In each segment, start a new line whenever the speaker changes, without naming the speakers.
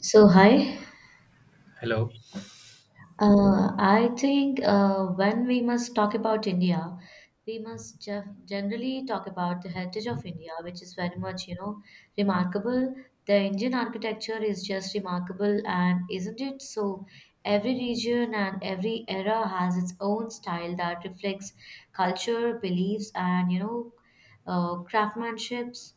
So, hi.
Hello.
I think when we must talk about India, we must generally talk about the heritage of India, which is very much, remarkable. The Indian architecture is just remarkable, and isn't it? So, every region and every era has its own style that reflects culture, beliefs, and, craftsmanships.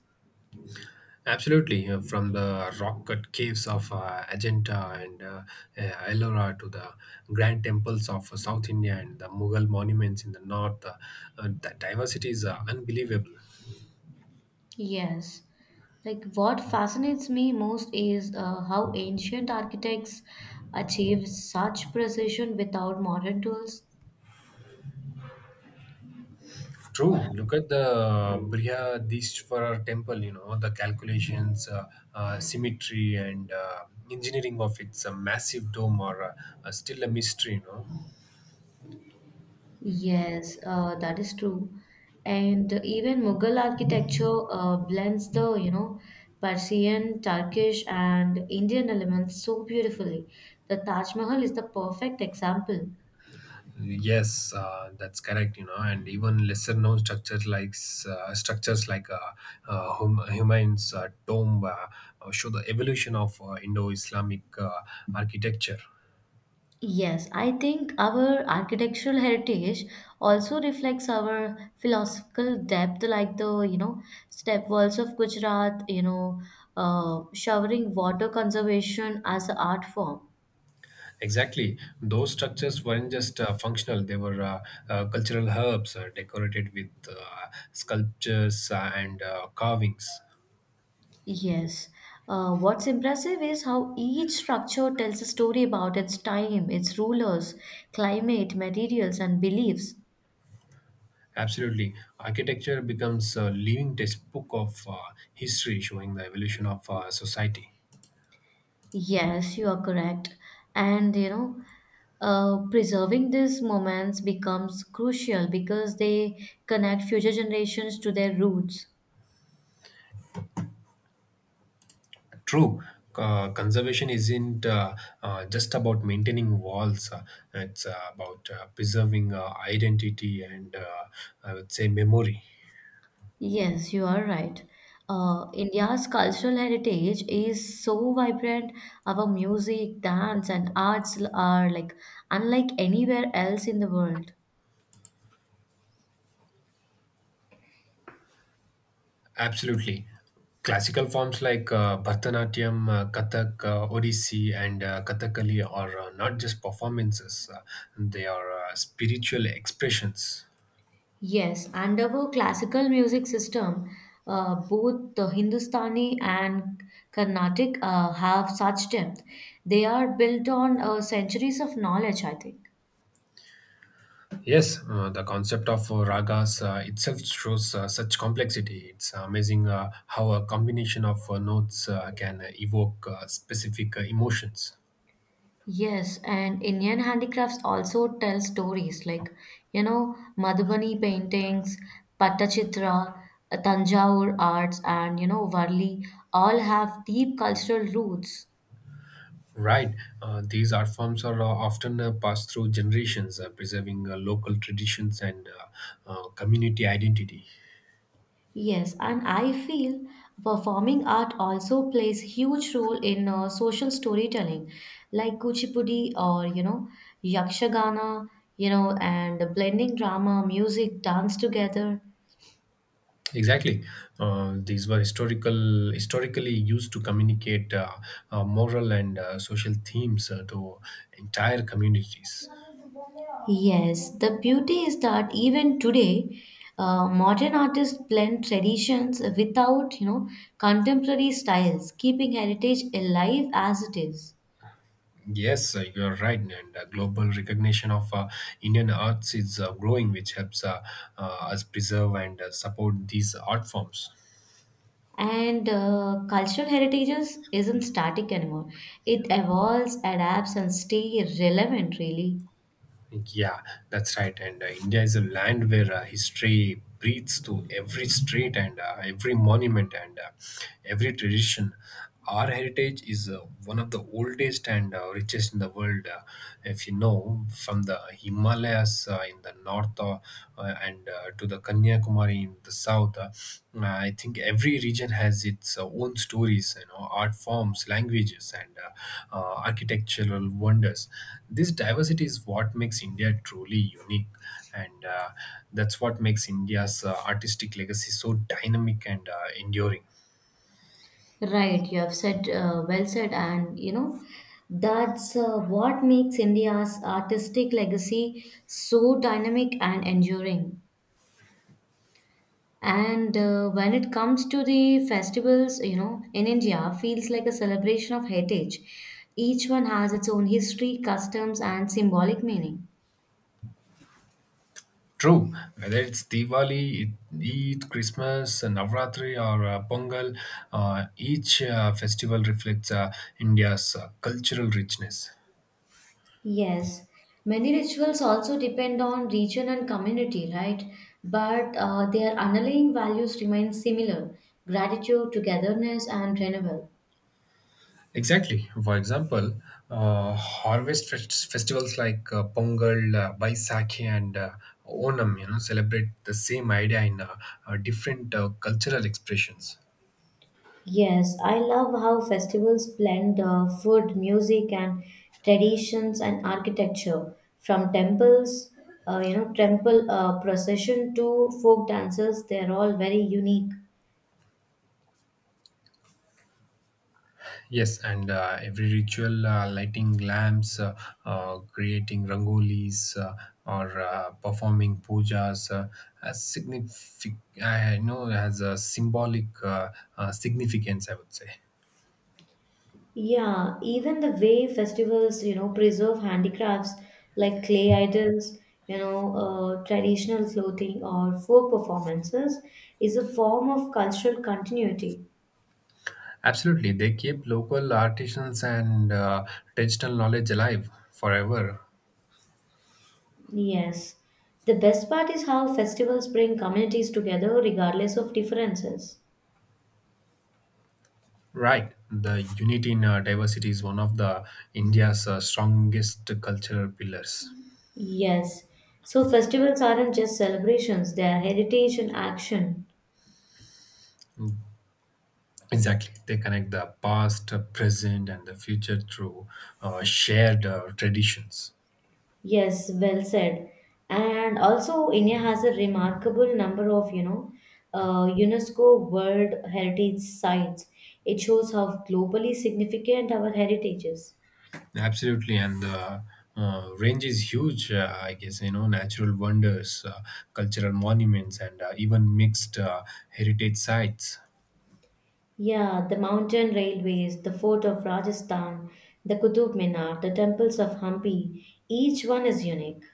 Absolutely. From the rock cut caves of Ajanta and Ellora to the grand temples of South India and the Mughal monuments in the north, the diversity is unbelievable.
Yes. Like what fascinates me most is how ancient architects achieved such precision without modern tools.
True. Look at the Brihadishwara temple, you know, the calculations, symmetry, and engineering of its massive dome are still a mystery.
Yes, that is true. And even Mughal architecture blends the, Persian, Turkish, and Indian elements so beautifully. The Taj Mahal is the perfect example.
Yes, that's correct. And even lesser-known structures like Humayun's tomb show the evolution of Indo-Islamic architecture.
Yes, I think our architectural heritage also reflects our philosophical depth, like the, step walls of Gujarat, showering water conservation as an art form.
Exactly, those structures weren't just functional; they were cultural herbs decorated with sculptures and carvings.
Yes. What's impressive is how each structure tells a story about its time, its rulers, climate, materials, and beliefs.
Absolutely, architecture becomes a living textbook of history, showing the evolution of society.
Yes, you are correct. And preserving these moments becomes crucial because they connect future generations to their roots.
True, conservation isn't just about maintaining walls. It's about preserving identity and, I would say, memory.
Yes, you are right. India's cultural heritage is so vibrant. Our music, dance, and arts are like unlike anywhere else in the world.
Absolutely. Classical forms like Bharatanatyam, Kathak, Odissi, and Kathakali are not just performances, they are spiritual expressions.
Yes, and our classical music system, both the Hindustani and Carnatic have such depth. They are built on centuries of knowledge, I think.
Yes, the concept of ragas itself shows such complexity. It's amazing how a combination of notes can evoke specific emotions.
Yes, and Indian handicrafts also tell stories like, you know, Madhubani paintings, Pattachitra, Tanjore arts, and, you know, Varli all have deep cultural roots.
Right, these art forms are often passed through generations, preserving local traditions and community identity.
Yes, and I feel performing art also plays huge role in social storytelling, like Kuchipudi or you know Yakshagana, you know, and blending drama, music, dance together.
Exactly, these were historically used to communicate moral and social themes to entire communities.
Yes, the beauty is that even today, modern artists blend traditions without you know contemporary styles, keeping heritage alive as it is.
Yes, you are right, and global recognition of Indian arts is growing, which helps us preserve and support these art forms.
And cultural heritages isn't static anymore. It evolves, adapts, and stay relevant. Really,
Yeah, that's right. And India is a land where history breathes to every street and every monument and every tradition. Our heritage is one of the oldest and richest in the world. If you know, From the Himalayas in the north and to the Kanyakumari in the south. I think every region has its own stories, you know, art forms, languages, and architectural wonders. This diversity is what makes India truly unique, and that's what makes India's artistic legacy so dynamic and enduring.
right? You have said well said, and that's what makes India's artistic legacy so dynamic and enduring. And when it comes to the festivals, you know, in India, feels like a celebration of heritage. Each one has its own history, customs, and symbolic meaning.
True, whether it's Diwali, Eid, Christmas, Navratri, or Pongal, each festival reflects India's cultural richness.
Yes, many rituals also depend on region and community, right? But their underlying values remain similar gratitude, togetherness, and renewal.
Exactly. For example, festivals like Pongal, Baisakhi, and Onam you know, celebrate the same idea in different cultural expressions.
Yes, I love how festivals blend food, music, and traditions and architecture from temples, you know, temple procession to folk dances, they're all very unique.
Yes, and every ritual, lighting lamps, creating rangolis, or performing pujas, has I know has a symbolic significance, I would say.
Yeah, even the way festivals, you know, preserve handicrafts like clay idols, traditional clothing or folk performances is a form of cultural continuity.
Absolutely, they keep local artisans and digital knowledge alive forever.
Yes. The best part is how festivals bring communities together regardless of differences.
Right, the unity in diversity is one of the India's strongest cultural pillars.
Yes. So festivals aren't just celebrations, they are heritage and action.
Mm, Exactly, they connect the past, present, and the future through shared traditions.
Yes, well said. And also, India has a remarkable number of, UNESCO World Heritage Sites. It shows how globally significant our heritage is.
Absolutely, and the range is huge. I guess you know natural wonders, cultural monuments, and even mixed heritage sites.
Yeah, the mountain railways, the fort of Rajasthan, the Qutub Minar, the temples of Hampi, each one is unique.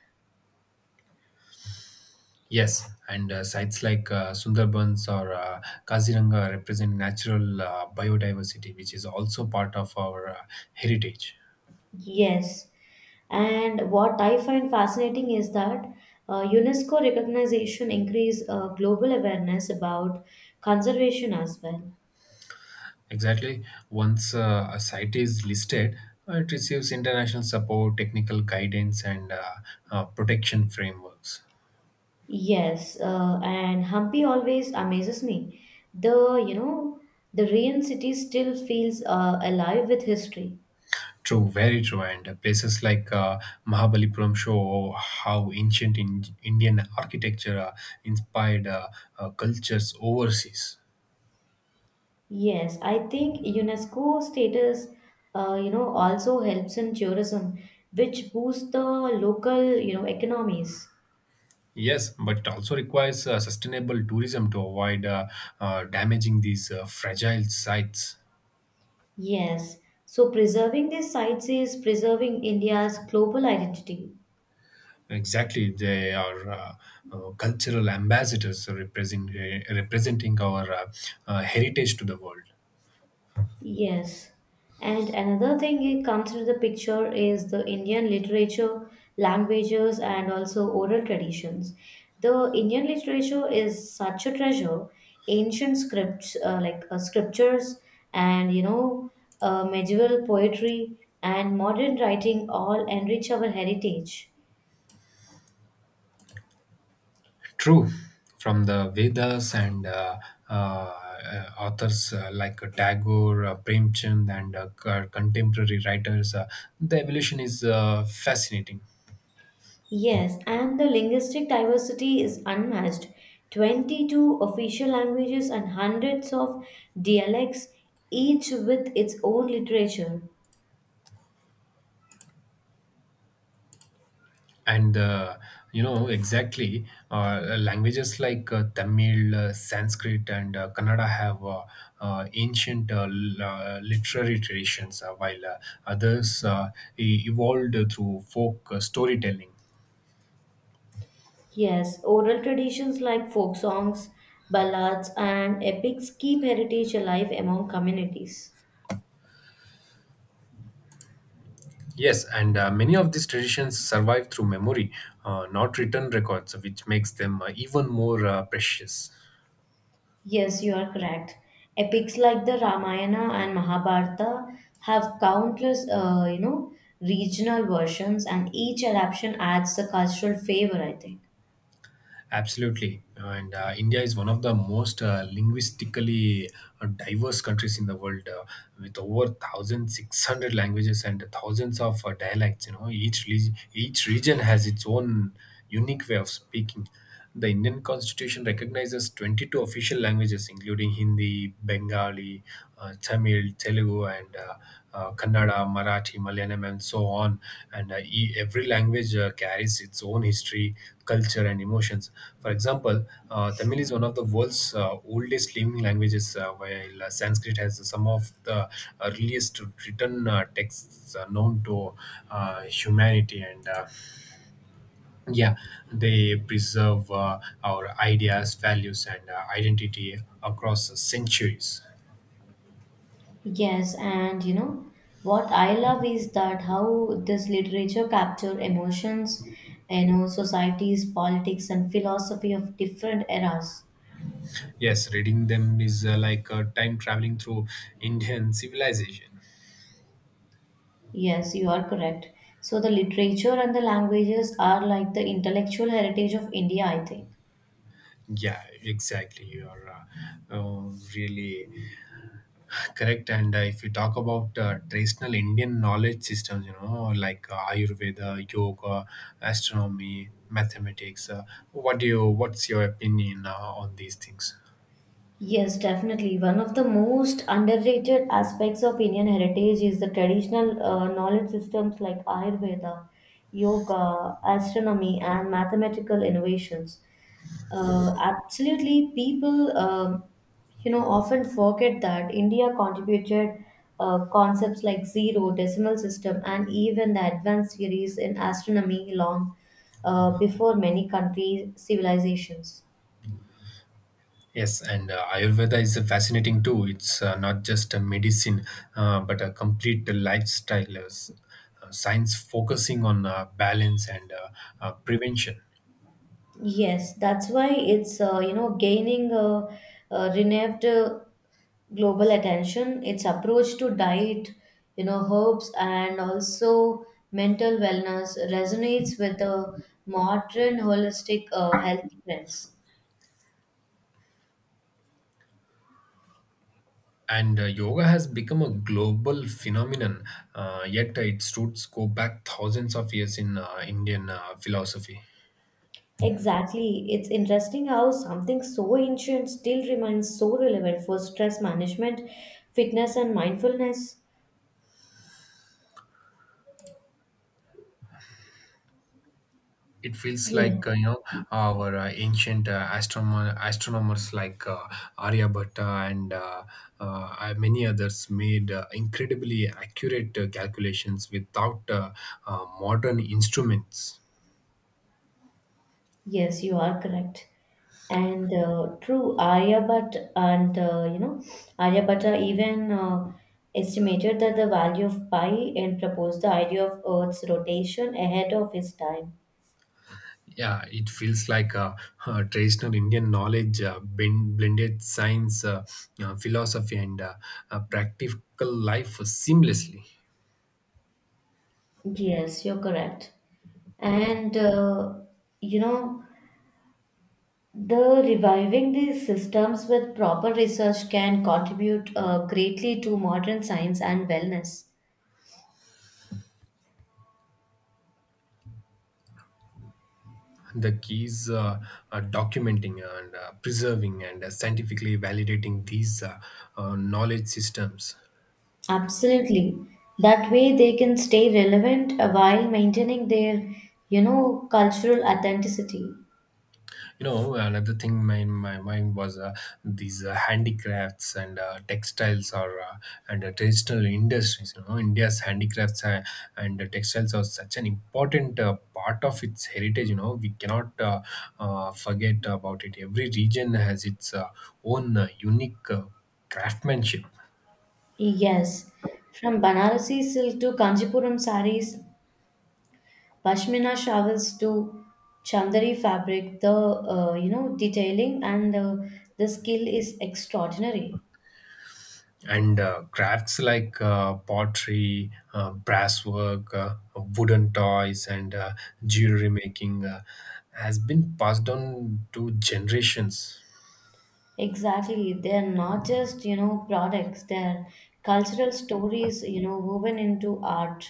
Yes, and sites like Sundarbans or Kaziranga represent natural biodiversity, which is also part of our heritage.
Yes, and what I find fascinating is that UNESCO recognition increase global awareness about conservation as well.
Exactly. Once a site is listed, it receives international support, technical guidance, and protection frameworks.
Yes, and Hampi always amazes me. The, the Rain City still feels alive with history.
True, very true. And places like Mahabalipuram show how ancient Indian architecture inspired cultures overseas.
Yes, I think UNESCO status, you know, also helps in tourism, which boosts the local, you know, economies.
Yes, but it also requires sustainable tourism to avoid damaging these fragile sites.
Yes. So preserving these sites is preserving India's global identity.
Exactly, they are cultural ambassadors representing our heritage to the world.
Yes. And another thing it comes into the picture is the Indian literature, languages, and also oral traditions. The Indian literature is such a treasure. Ancient scripts, like scriptures, and medieval poetry and modern writing all enrich our heritage.
True, from the Vedas and authors like Tagore, Premchand, and contemporary writers, the evolution is fascinating.
Yes, and the linguistic diversity is unmatched. 22 official languages and hundreds of dialects, each with its own literature.
And you know exactly languages like Tamil, Sanskrit, and Kannada have ancient literary traditions, while others evolved through folk storytelling.
Yes, oral traditions like folk songs, ballads, and epics keep heritage alive among communities.
Yes, and many of these traditions survive through memory, not written records, which makes them even more precious.
Yes, you are correct. Epics like the Ramayana and Mahabharata have countless, regional versions, and each adaptation adds a cultural flavor, I think.
Absolutely. And India is one of the most linguistically diverse countries in the world with over 1,600 languages and thousands of dialects. You know, each region has its own unique way of speaking. The Indian Constitution recognizes 22 official languages, including Hindi, Bengali, Tamil, Telugu, and Kannada, Marathi, Malayalam, and so on. And every language carries its own history, culture, and emotions. For example, Tamil is one of the world's oldest living languages, while Sanskrit has some of the earliest written texts known to humanity. And yeah, they preserve our ideas, values, and identity across centuries.
Yes, and you know what I love is that how this literature capture emotions, you know, societies, politics, and philosophy of different eras.
Yes, reading them is like time traveling through Indian civilization.
Yes, you are correct. So the literature and the languages are like the intellectual heritage of India, I think.
Yeah, exactly. You're really correct. And if you talk about traditional Indian knowledge systems, you know, like Ayurveda, yoga, astronomy, mathematics, what do you? What's your opinion on these things?
Yes, definitely. One of the most underrated aspects of Indian heritage is the traditional knowledge systems like Ayurveda, yoga, astronomy, and mathematical innovations. Absolutely, people, you know, often forget that India contributed concepts like zero, decimal system, and even the advanced theories in astronomy long before many country civilizations.
Yes, and Ayurveda is fascinating too. It's not just a medicine, but a complete lifestyle science focusing on balance and prevention.
Yes, that's why it's you know gaining a renewed global attention. Its approach to diet, you know, herbs and also mental wellness resonates with the modern holistic health trends.
And yoga has become a global phenomenon, yet its roots go back thousands of years in Indian philosophy.
Exactly. It's interesting how something so ancient still remains so relevant for stress management, fitness, and mindfulness.
It feels
Yeah.
like you know our ancient astronomers like Aryabhatta and many others made incredibly accurate calculations without modern instruments.
Yes, you are correct. And true, Aryabhatta and Aryabhatta even estimated that the value of pi and proposed the idea of Earth's rotation ahead of his time.
Yeah, it feels like traditional Indian knowledge blended science, philosophy, and practical life seamlessly.
Yes, you're correct. And you know, the reviving these systems with proper research can contribute greatly to modern science and wellness.
The keys documenting and preserving and scientifically validating these knowledge systems.
Absolutely. That way they can stay relevant while maintaining their, you know, cultural authenticity.
You know another thing in my mind was these handicrafts and textiles or and traditional industries. You know india's handicrafts and textiles are such an important part of its heritage. You know we cannot forget about it. Every region has its own unique craftsmanship.
Yes. From Banarasi silk to Kanjipuram sarees, Pashmina shawls to Chandari fabric, the, detailing and the skill is extraordinary.
And crafts like pottery, brasswork, wooden toys, and jewelry making has been passed on to generations.
Exactly. They're not just, you know, products, they're cultural stories, you know, woven into art.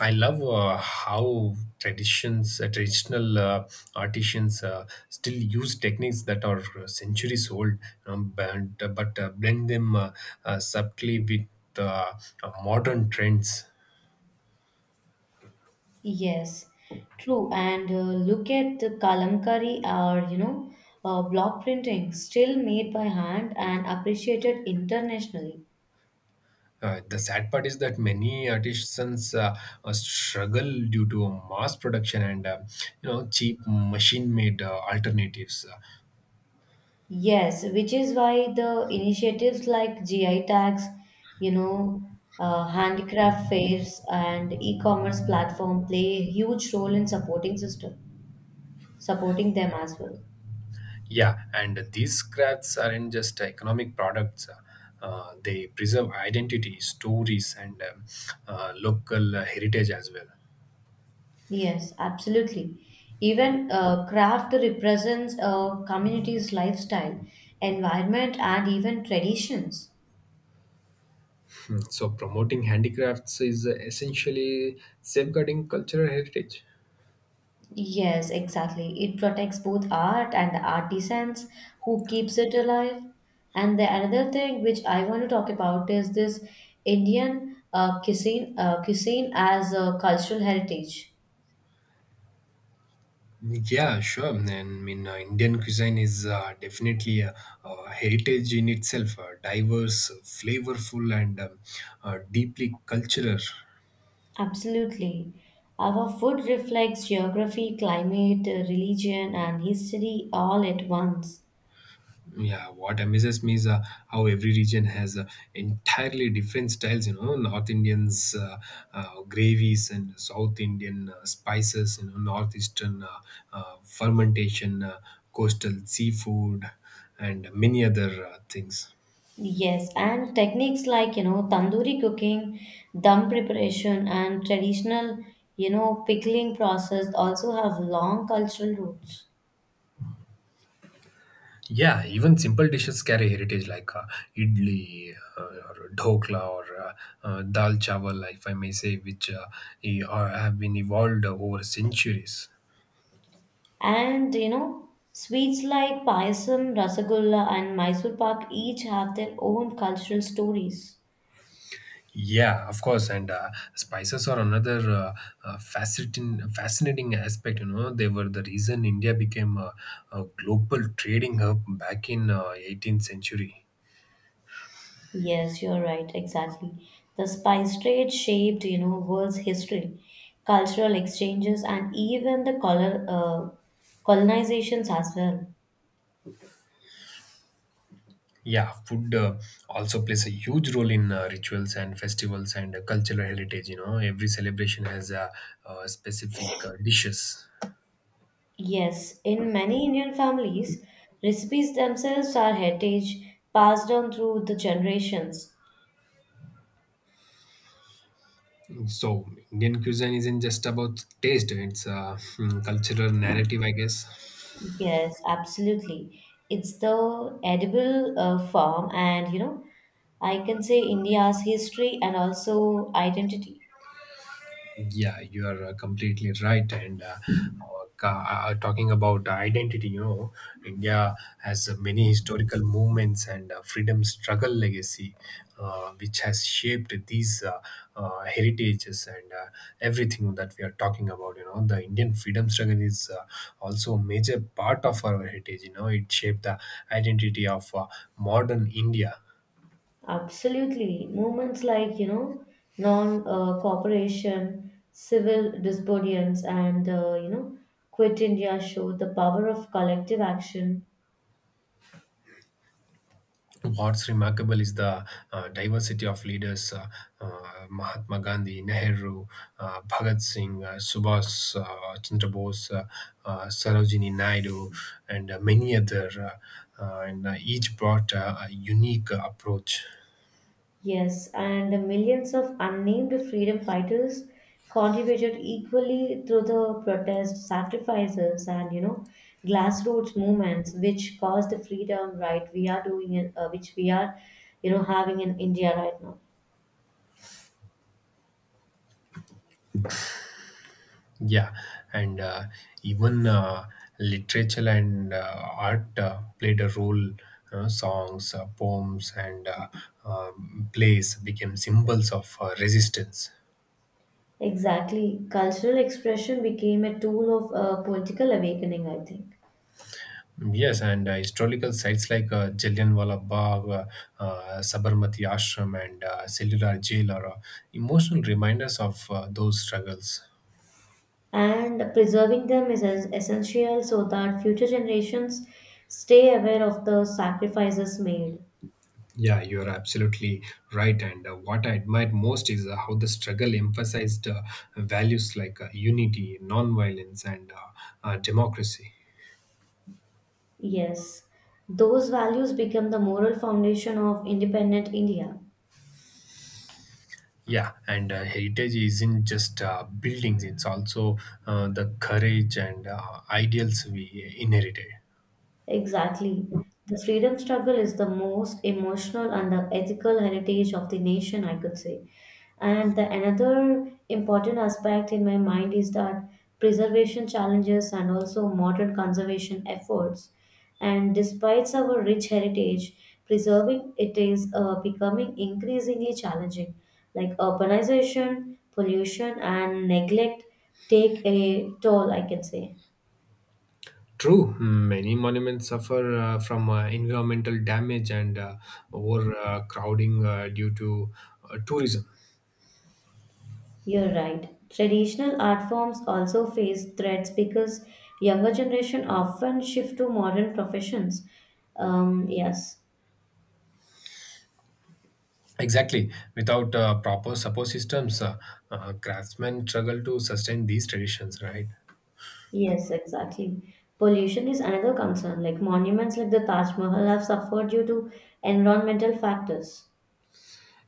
I love how traditional artisans still use techniques that are centuries old, but blend them subtly with uh, modern trends.
Yes, true. And look at the kalamkari or, block printing, still made by hand and appreciated internationally.
The sad part is that many artisans struggle due to mass production and you know cheap machine-made alternatives.
Yes, which is why the initiatives like GI tags, you know, handicraft fairs and e-commerce platform play a huge role in supporting them as well.
Yeah, and these crafts aren't just economic products. They preserve identity, stories, and local heritage as well.
Yes, absolutely. Even craft represents a community's lifestyle, environment, and even traditions.
So promoting handicrafts is essentially safeguarding cultural heritage.
Yes, exactly. It protects both art and the artisans who keeps it alive. And the another thing which I want to talk about is this Indian cuisine as a cultural heritage.
Yeah, sure. I mean, Indian cuisine is definitely a heritage in itself, diverse, flavorful, and deeply cultural.
Absolutely. Our food reflects geography, climate, religion, and history all at once.
Yeah, what amazes me is how every region has entirely different styles. You know, North Indians gravies and South Indian spices. You know, northeastern fermentation, coastal seafood, and many other things.
Yes, and techniques like, you know, tandoori cooking, dum preparation, and traditional, you know, pickling process also have long cultural roots.
Yeah, even simple dishes carry heritage like idli or dhokla or dal chawal, if I may say, which have been evolved over centuries.
And, you know, sweets like payasam, rasagulla, and Mysore pak each have their own cultural stories.
Yeah, of course, and spices are another fascinating aspect. You know, they were the reason India became a global trading hub back in 18th century.
Yes, you're right, exactly. The spice trade shaped, you know, world's history, cultural exchanges, and even the colonizations as well.
Yeah, food also plays a huge role in rituals and festivals and cultural heritage. You know, every celebration has specific dishes.
Yes, in many Indian families, recipes themselves are heritage passed on through the generations.
So, Indian cuisine isn't just about taste, it's a cultural narrative, I guess.
Yes, absolutely. It's the edible form, and you know, I can say India's history and also identity.
Yeah, you are completely right. And talking about identity, you know, India has many historical movements and freedom struggle legacy, which has shaped these heritages and everything that we are talking about. You know, the Indian freedom struggle is also a major part of our heritage. You know, it shaped the identity of modern India.
Absolutely. Movements like, you know, non cooperation, civil disobedience, and, you know, Quit India show the power of collective action.
What's remarkable is the diversity of leaders Mahatma Gandhi, Nehru, Bhagat Singh, Subhas Chandra Bose, Sarojini Naidu, and many other, and each brought a unique approach.
Yes, and the millions of unnamed freedom fighters contributed equally through the protest, sacrifices, and you know, grassroots movements, which caused the freedom right we are doing in, which we are, you know, having in India right now.
Yeah, and even literature and art played a role. Songs, poems, and plays became symbols of resistance.
Exactly, cultural expression became a tool of political awakening, I think,
Yes, and historical sites like Jallianwala Bagh, Sabarmati Ashram, and Cellular Jail are emotional reminders of those struggles.
and preserving them is essential so that future generations stay aware of the sacrifices made.
Yeah, you're absolutely right. And What I admire most is how the struggle emphasized values like unity, nonviolence, and democracy.
Yes, those values become the moral foundation of independent India.
Yeah, and heritage isn't just buildings, it's also the courage and ideals we inherited.
Exactly. The freedom struggle is the most emotional and the ethical heritage of the nation, I could say. And the another important aspect in my mind is that preservation challenges and also modern conservation efforts. And despite our rich heritage, preserving it is becoming increasingly challenging. Like urbanization, pollution, and neglect take a toll, I can say.
True, many monuments suffer from environmental damage and overcrowding due to tourism.
You're right. Traditional art forms also face threats because younger generation often shift to modern professions. Um, yes,
Exactly. Without proper support systems, craftsmen struggle to sustain these traditions, right?
yes, exactly. Pollution is another concern. Like monuments like the Taj Mahal have suffered due to environmental factors.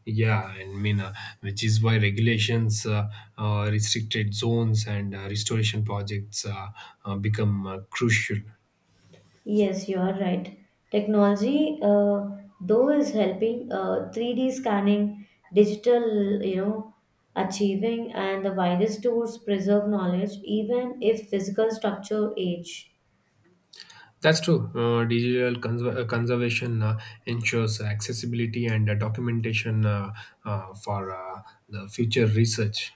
Yeah, which is why regulations, restricted zones, and restoration projects become crucial.
Yes, you are right. Technology, though, is helping 3D scanning, digital, you know, achieving, and the widest tools preserve knowledge, even if physical structure age.
That's true. Digital conservation ensures accessibility and documentation for the future research.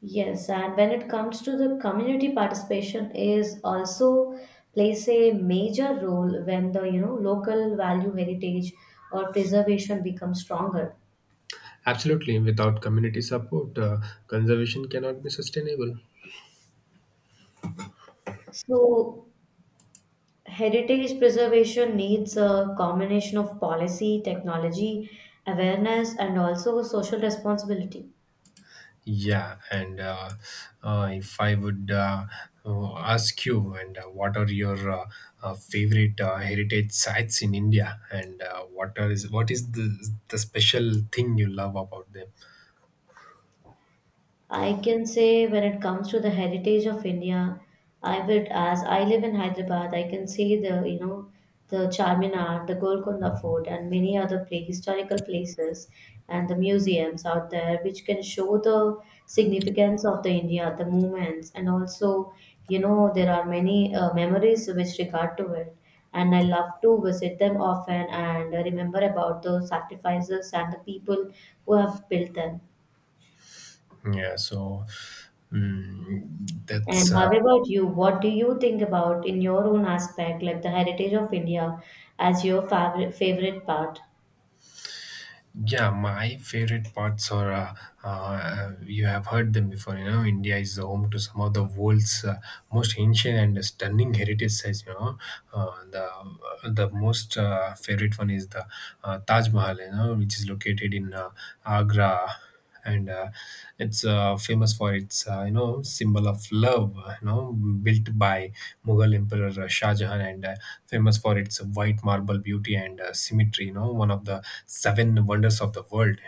Yes, and when it comes to the community participation is also plays a major role when the you know local value heritage or preservation becomes stronger.
Absolutely. Without community support, conservation cannot be sustainable.
So heritage preservation needs a combination of policy, technology, awareness, and also social responsibility.
Yeah, and If I would ask you, and what are your favorite heritage sites in India, and what are is what is the special thing you love about them?
I can say when it comes to the heritage of India, I would, as I live in Hyderabad, I can see the, you know, the Charminar, the Golconda Fort, and many other pla historical places and the museums out there, which can show the significance of the India, the movements, and also, you know, there are many memories with regard to it. And I love to visit them often and remember about the sacrifices and the people who have built them.
Yeah, so mm,
And
that's
how about you? What do you think about in your own aspect, like the heritage of India as your favorite part?
Yeah, my favorite parts are you have heard them before. You know, India is home to some of the world's most ancient and stunning heritage sites. Uh, the uh, the most favorite one is the Taj Mahal, you know, which is located in Agra. And It's famous for its, you know, symbol of love, you know, built by Mughal emperor Shah Jahan, and famous for its white marble beauty and symmetry, you know, one of the seven wonders of the world.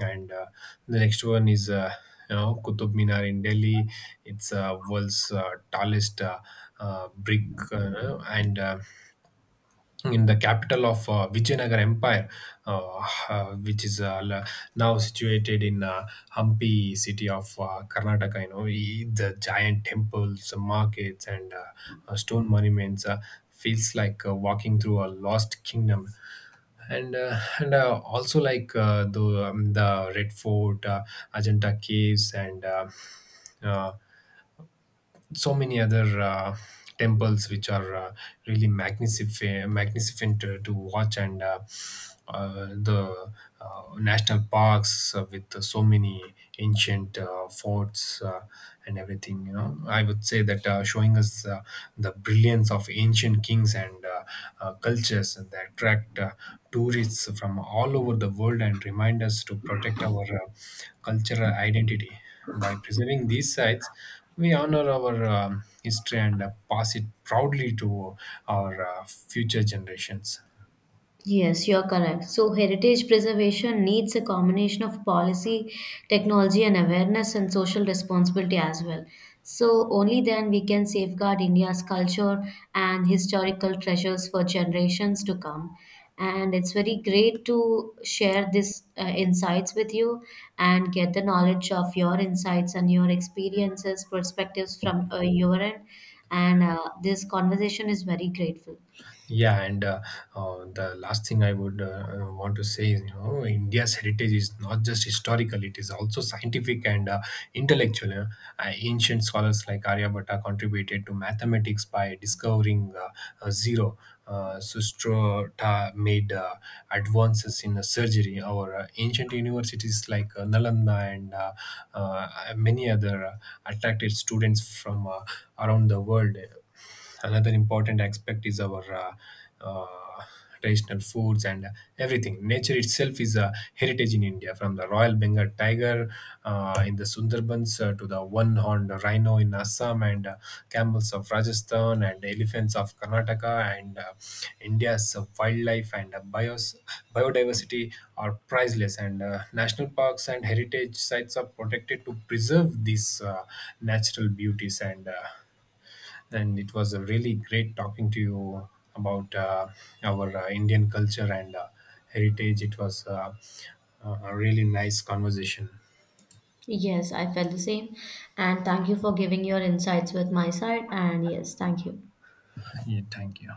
And The next one is, you know, Qutub Minar in Delhi. It's world's tallest, brick, and in the capital of Vijayanagar Empire, which is now situated in Hampi city of Karnataka. You know, the giant temples, markets, and stone monuments feels like walking through a lost kingdom. And also like, the Red Fort, Ajanta Caves, and uh, so many other temples which are really magnificent, magnificent to watch, and the national parks with so many ancient forts, and everything, you know, I would say that, showing us the brilliance of ancient kings and cultures that attract tourists from all over the world and remind us to protect our cultural identity. By preserving these sites, we honor our history and pass it proudly to our future generations.
Yes, you're correct. So, heritage preservation needs a combination of policy, technology, and awareness and social responsibility as well. So, only then we can safeguard India's culture and historical treasures for generations to come. And it's very great to share these insights with you and get the knowledge of your insights and your experiences, perspectives from your end. And this conversation is very grateful.
Yeah, and The last thing I would want to say is, you know, India's heritage is not just historical; it is also scientific and intellectual, you know. Ancient scholars like Aryabhatta contributed to mathematics by discovering zero. Sustrota made advances in surgery. Our ancient universities like Nalanda and many other attracted students from around the world. Another important aspect is our uh, traditional foods and everything. Nature itself is a heritage in India, from the royal Bengal tiger in the Sundarbans, to the one horned rhino in Assam, and camels of Rajasthan and elephants of Karnataka, and India's wildlife and biodiversity are priceless, and national parks and heritage sites are protected to preserve these natural beauties. And and it was really great talking to you about our Indian culture and heritage. It was a really nice conversation.
Yes, I felt the same. And thank you for giving your insights with my side. And yes, thank you.
Yeah, thank you.